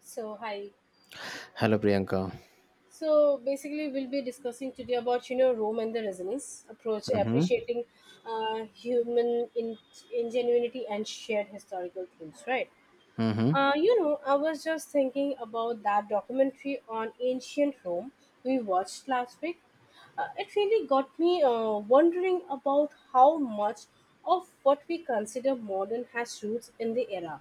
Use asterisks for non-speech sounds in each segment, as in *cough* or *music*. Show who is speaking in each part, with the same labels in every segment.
Speaker 1: So hi.
Speaker 2: Hello, Priyanka.
Speaker 1: So basically, we'll be discussing today about Rome and the Resonance approach,
Speaker 2: Mm-hmm.
Speaker 1: appreciating uh, human in- ingenuity and shared historical themes. Right.
Speaker 2: Mm-hmm.
Speaker 1: I was just thinking about that documentary on ancient Rome we watched last week. It really got me wondering about how much of what we consider modern has roots in the era.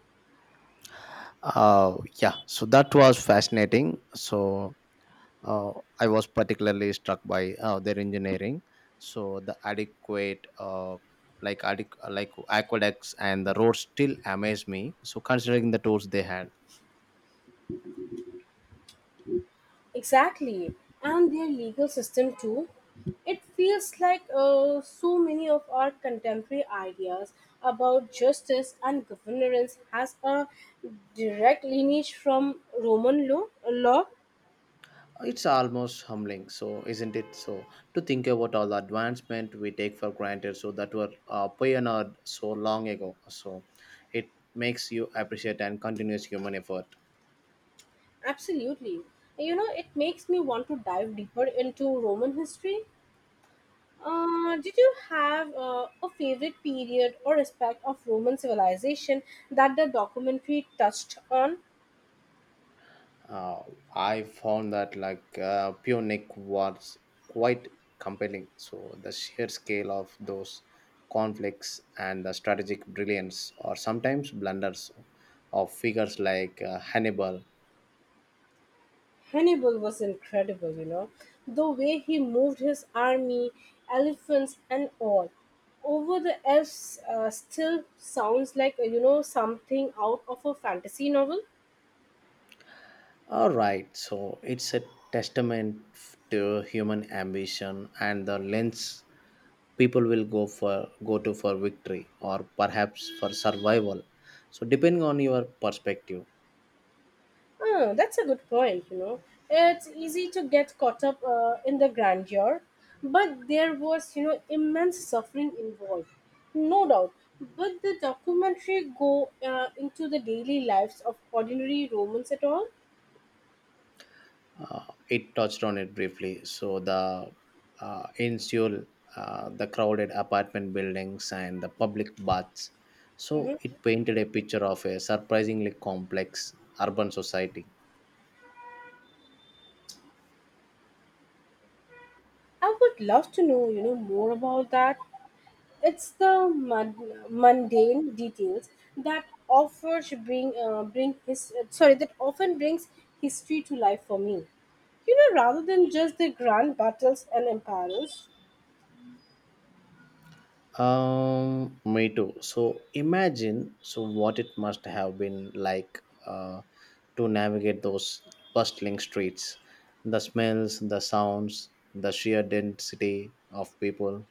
Speaker 2: Uh, yeah, so that was fascinating. Uh, I was particularly struck by their engineering. So the adequate, like aqueducts and the roads still amaze me. So considering the tools they had,
Speaker 1: Exactly, and their legal system too. It feels like so many of our contemporary ideas about justice and governance has a direct lineage from Roman law. Law,
Speaker 2: it's almost humbling. So isn't it? So to think about all the advancement we take for granted, so that were pioneered so long ago. So it makes you appreciate and continuous human effort.
Speaker 1: absolutely. It makes me want to dive deeper into Roman history. Did you have a favorite period or aspect of Roman civilization that the documentary touched on?
Speaker 2: uh, I found that Pure Nick was quite compelling. So the sheer scale of those conflicts and the strategic brilliance, or sometimes blunders, of figures like Hannibal.
Speaker 1: Hannibal was incredible. The way he moved his army, elephants and all, over the Alps. Still sounds like, something out of a fantasy novel.
Speaker 2: All right, so it's a to human ambition and the lengths people will go for go to for victory or perhaps for survival. So depending on your perspective.
Speaker 1: Oh, that's a good point. It's easy to get caught up in the grandeur, but there was, immense suffering involved. No doubt. But the documentary go into the daily lives of ordinary Romans at all?
Speaker 2: It touched on it briefly. So the in Seoul, the crowded apartment buildings and the public baths.
Speaker 1: Mhm.
Speaker 2: So it painted a picture of a surprisingly complex urban society.
Speaker 1: I would love to know, more about that. It's the mundane details that offers bring bring his sorry that often brings history to life for me. Rather than just the grand battles and empires.
Speaker 2: Me too. So imagine so what it must have been like to navigate those bustling streets, the smells, the sounds, the sheer density of people.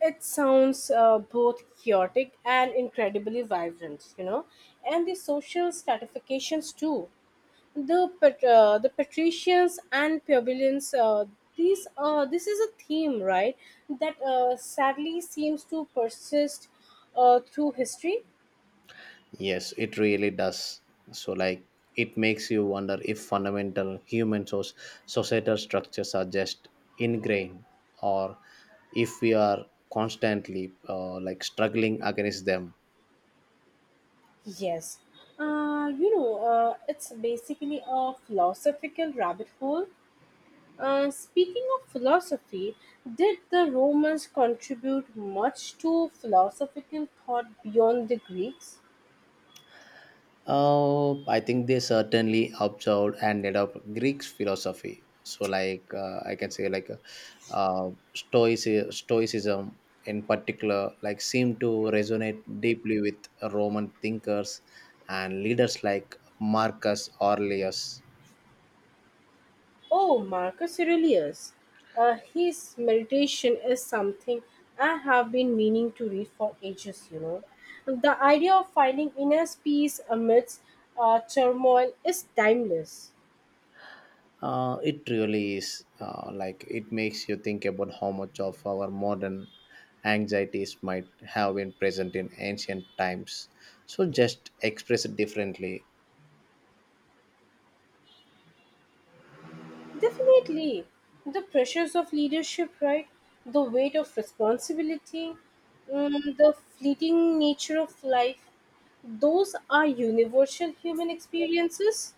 Speaker 1: It sounds both chaotic and incredibly vibrant. And the social stratifications too. The patricians and plebeians, these this is a theme, right, that sadly seems to persist through history.
Speaker 2: Yes, it really does. So, like, it makes you wonder if societal structures are just ingrained, or if we are constantly struggling against them.
Speaker 1: Yes. It's basically a philosophical rabbit hole. Speaking of philosophy, did the Romans contribute much to philosophical thought beyond the Greeks?
Speaker 2: I think they certainly absorbed and adopt Greek philosophy. So, I can say, like uh, stoic Stoicism in particular, like seemed to resonate deeply with Roman thinkers and leaders like Marcus Aurelius.
Speaker 1: Oh, Marcus Aurelius. His meditation is something I have been meaning to read for ages. The idea of finding inner peace amidst turmoil is timeless.
Speaker 2: It really is, it makes you think about how much of our modern anxieties might have been present in ancient times. So, just express it differently.
Speaker 1: Definitely. The pressures of leadership, right? The weight of responsibility, the fleeting nature of life. Those are universal human experiences.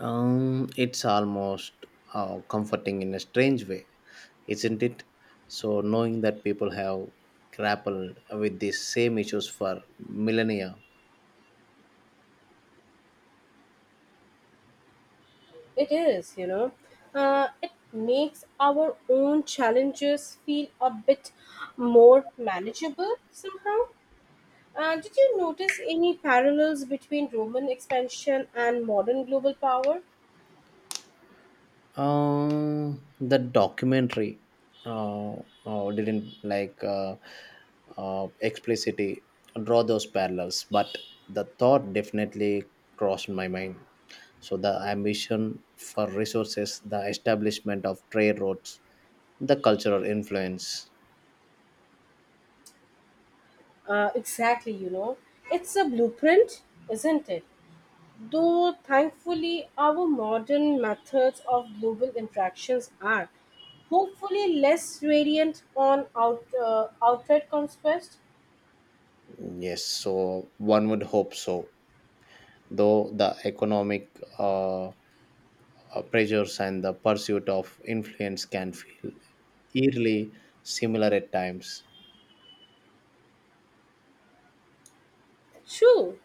Speaker 2: It's almost comforting in a strange way, isn't it? So, knowing that people have grappled with these same issues for millennia.
Speaker 1: It is, it makes our own challenges feel a bit more manageable somehow. Did you notice any parallels between Roman expansion and modern global power?
Speaker 2: The documentary uh, didn't explicitly draw those parallels, but the thought definitely crossed my mind. So the ambition for resources, the establishment of trade routes, the cultural influence.
Speaker 1: Exactly, it's a blueprint, isn't it? Though thankfully, our modern methods of global interactions are hopefully less variant on outright conquest.
Speaker 2: Yes, so one would hope so. Though the economic pressures and the pursuit of influence can feel eerily similar at times.
Speaker 1: True.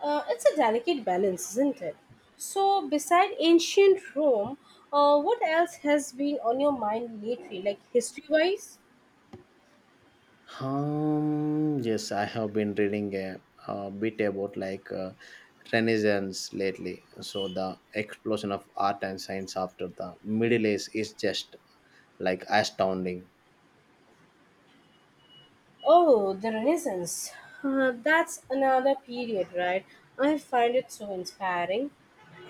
Speaker 1: It's a delicate balance, isn't it? So, beside ancient Rome, what else has been on your mind lately, like history wise?
Speaker 2: Yes, I have been reading a bit about Renaissance lately. So the explosion of art and science after the Middle Ages is just like astounding.
Speaker 1: Oh, the Renaissance. That's another period, right? I find it so inspiring.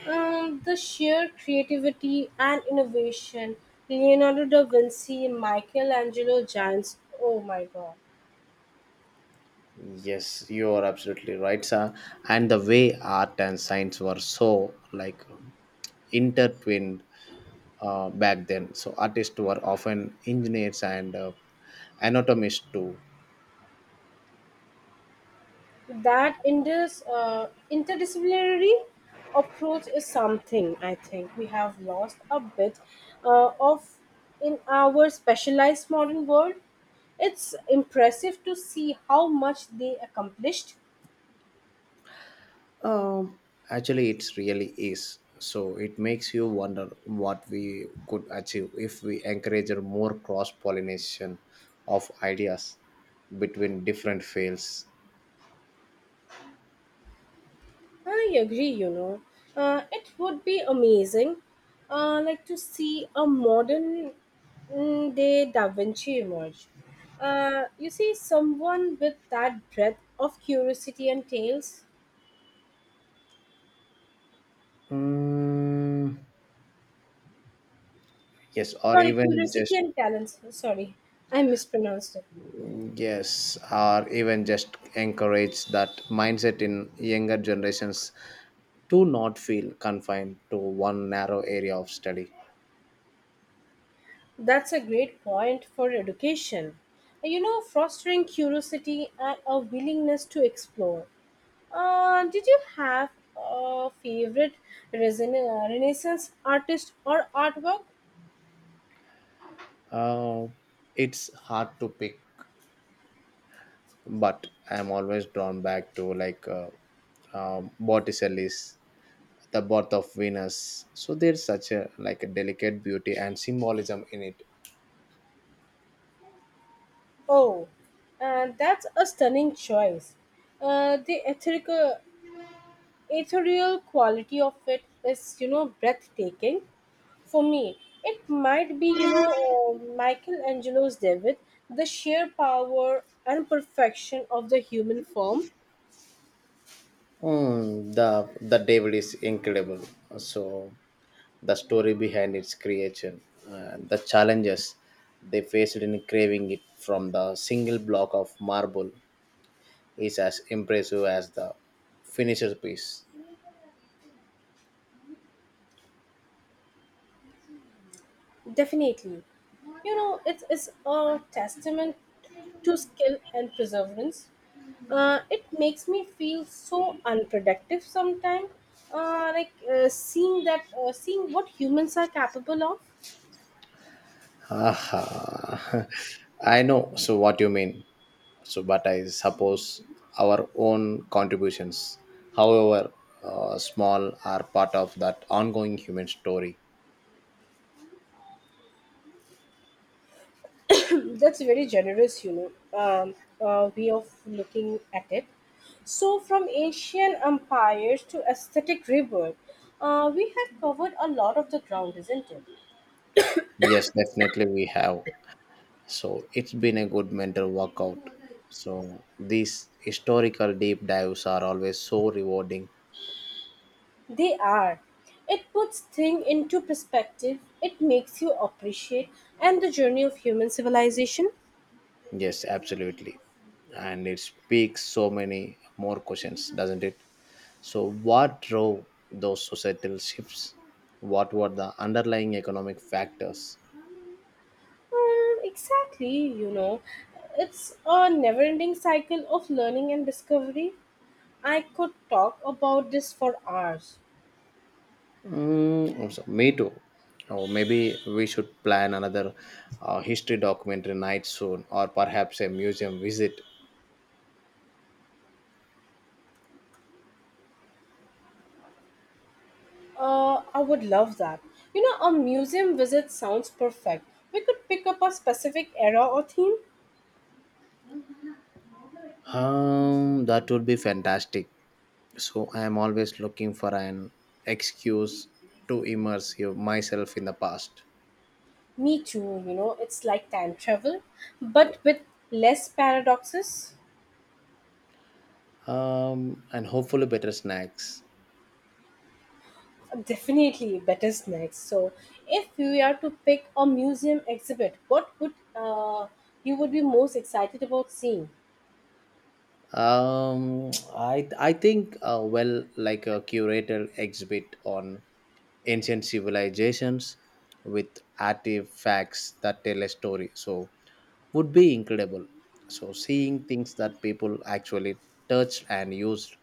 Speaker 1: The sheer creativity and innovation, Leonardo da Vinci, Michelangelo, giants. Oh my god.
Speaker 2: Yes, you are absolutely right, sir. And the way art and science were so like intertwined back then. So artists were often engineers and anatomists too.
Speaker 1: That in this interdisciplinary approach is something I think we have lost a bit of in our specialized modern world. It's impressive to see how much they accomplished.
Speaker 2: Um, actually, it really is. So it makes you wonder what we could achieve if we encourage more cross pollination of ideas between different fields.
Speaker 1: I agree. It would be amazing to see a modern day Da Vinci emerge. You see, someone with that breadth of curiosity and tales.
Speaker 2: Mm, yes, or
Speaker 1: Sorry,
Speaker 2: even
Speaker 1: curiosity
Speaker 2: just
Speaker 1: and talents. Sorry, I mispronounced it.
Speaker 2: yes, or even just encourage that mindset in younger generations to not feel confined to one narrow area of study.
Speaker 1: That's a great point for education. Fostering curiosity and a willingness to explore. Did you have a favorite Renaissance artist or artwork?
Speaker 2: Uh, it's hard to pick, but I'm always drawn back to Botticelli's The Birth of Venus. So there's such a like a delicate beauty and symbolism in it.
Speaker 1: Oh, that's a stunning choice. The ethereal quality of it is, breathtaking. For me, it might be Michelangelo's David, the sheer power and perfection of the human form.
Speaker 2: Mm, the devil is incredible. So the story behind its creation, the challenges they faced in craving it from the single block of marble is as impressive as the finished piece.
Speaker 1: Definitely. It is a testament to skill and perseverance. It makes me feel so unproductive sometimes, seeing what humans are capable of.
Speaker 2: Aha. *laughs* I know so what you mean. So, but I suppose our own contributions, however small, are part of that ongoing human story.
Speaker 1: That's very generous, way of looking at it. So, from ancient empires to aesthetic rebirth, we have covered a lot of the ground, isn't it?
Speaker 2: Yes, definitely we have. So it's been a good mental workout. So these historical deep dives are always so rewarding.
Speaker 1: They are. It puts things into perspective. It makes you appreciate and the journey of human civilization.
Speaker 2: Yes, absolutely. And it speaks so many more questions, doesn't it? So, what drove those societal shifts? What were the underlying economic factors?
Speaker 1: Exactly, it's a never-ending cycle of learning and discovery. I could talk about this for hours.
Speaker 2: Mm, also, me too. Oh, maybe we should plan another history documentary night soon, or perhaps a museum visit.
Speaker 1: I would love that. A museum visit sounds perfect. We could pick up a specific era or theme.
Speaker 2: That would be fantastic. So I am always looking for an excuse to myself in the past.
Speaker 1: Me too, it's like time travel, but with less paradoxes.
Speaker 2: And hopefully better snacks.
Speaker 1: Definitely better snacks. So, if you are to pick a museum exhibit, what would you would be most excited about seeing?
Speaker 2: I think well, a curated exhibit on ancient civilizations with artifacts that tell a story. So would be incredible. So seeing things that people actually touched and used.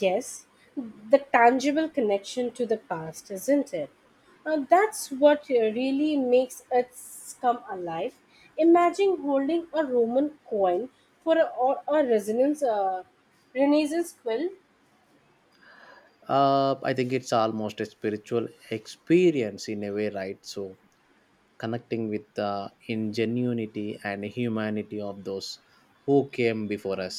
Speaker 1: Yes, the tangible connection to the past, isn't it? That's what really makes it come alive. Imagine holding a Roman coin or a resonance, Renaissance quill.
Speaker 2: I think it's almost a spiritual experience in a way, right? So connecting with the ingenuity and humanity of those who came before us.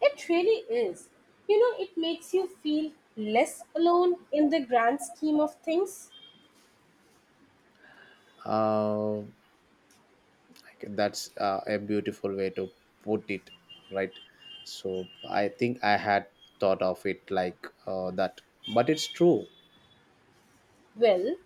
Speaker 1: It really is. It makes you feel less alone in the grand scheme of things.
Speaker 2: uh, that's a beautiful way to put it, right? So I think I had thought of it that, but it's true.
Speaker 1: Well,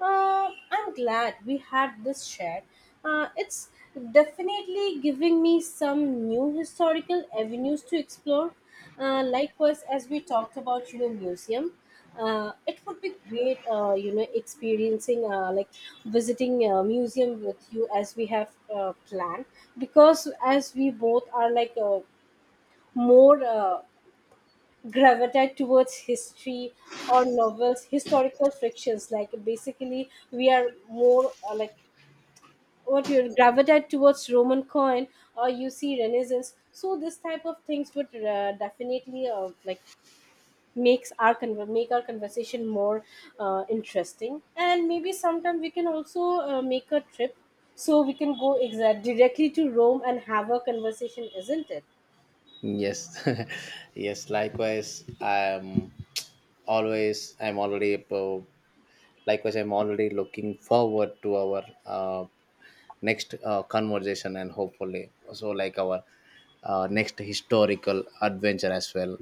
Speaker 1: I'm glad we had this chat. It's definitely giving me some new historical avenues to explore. Likewise, as we talked about museum, it would be great, experiencing visiting a museum with you as we have planned. Because as we both are more gravitate towards history or novels historical fictions, basically we are more what you gravitate towards Roman coin or you see Renaissance, so this type of things would definitely make our conversation more interesting, and maybe sometime we can also make a trip so we can go exact directly to Rome and have a conversation, isn't it?
Speaker 2: Yes. *laughs* Yes, likewise, I'm always I'm already a Likewise, I'm already looking forward to our next conversation, and hopefully also like our next historical adventure as well.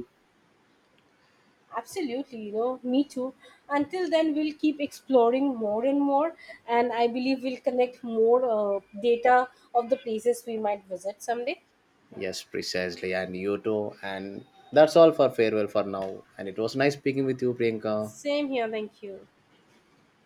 Speaker 1: Absolutely, me too. Until then, we'll keep exploring more and more, and I believe we'll connect more data of the places we might visit someday.
Speaker 2: Yes, precisely. And you too. And that's all for farewell for now. And it was nice speaking with you, Priyanka.
Speaker 1: Same here, thank you.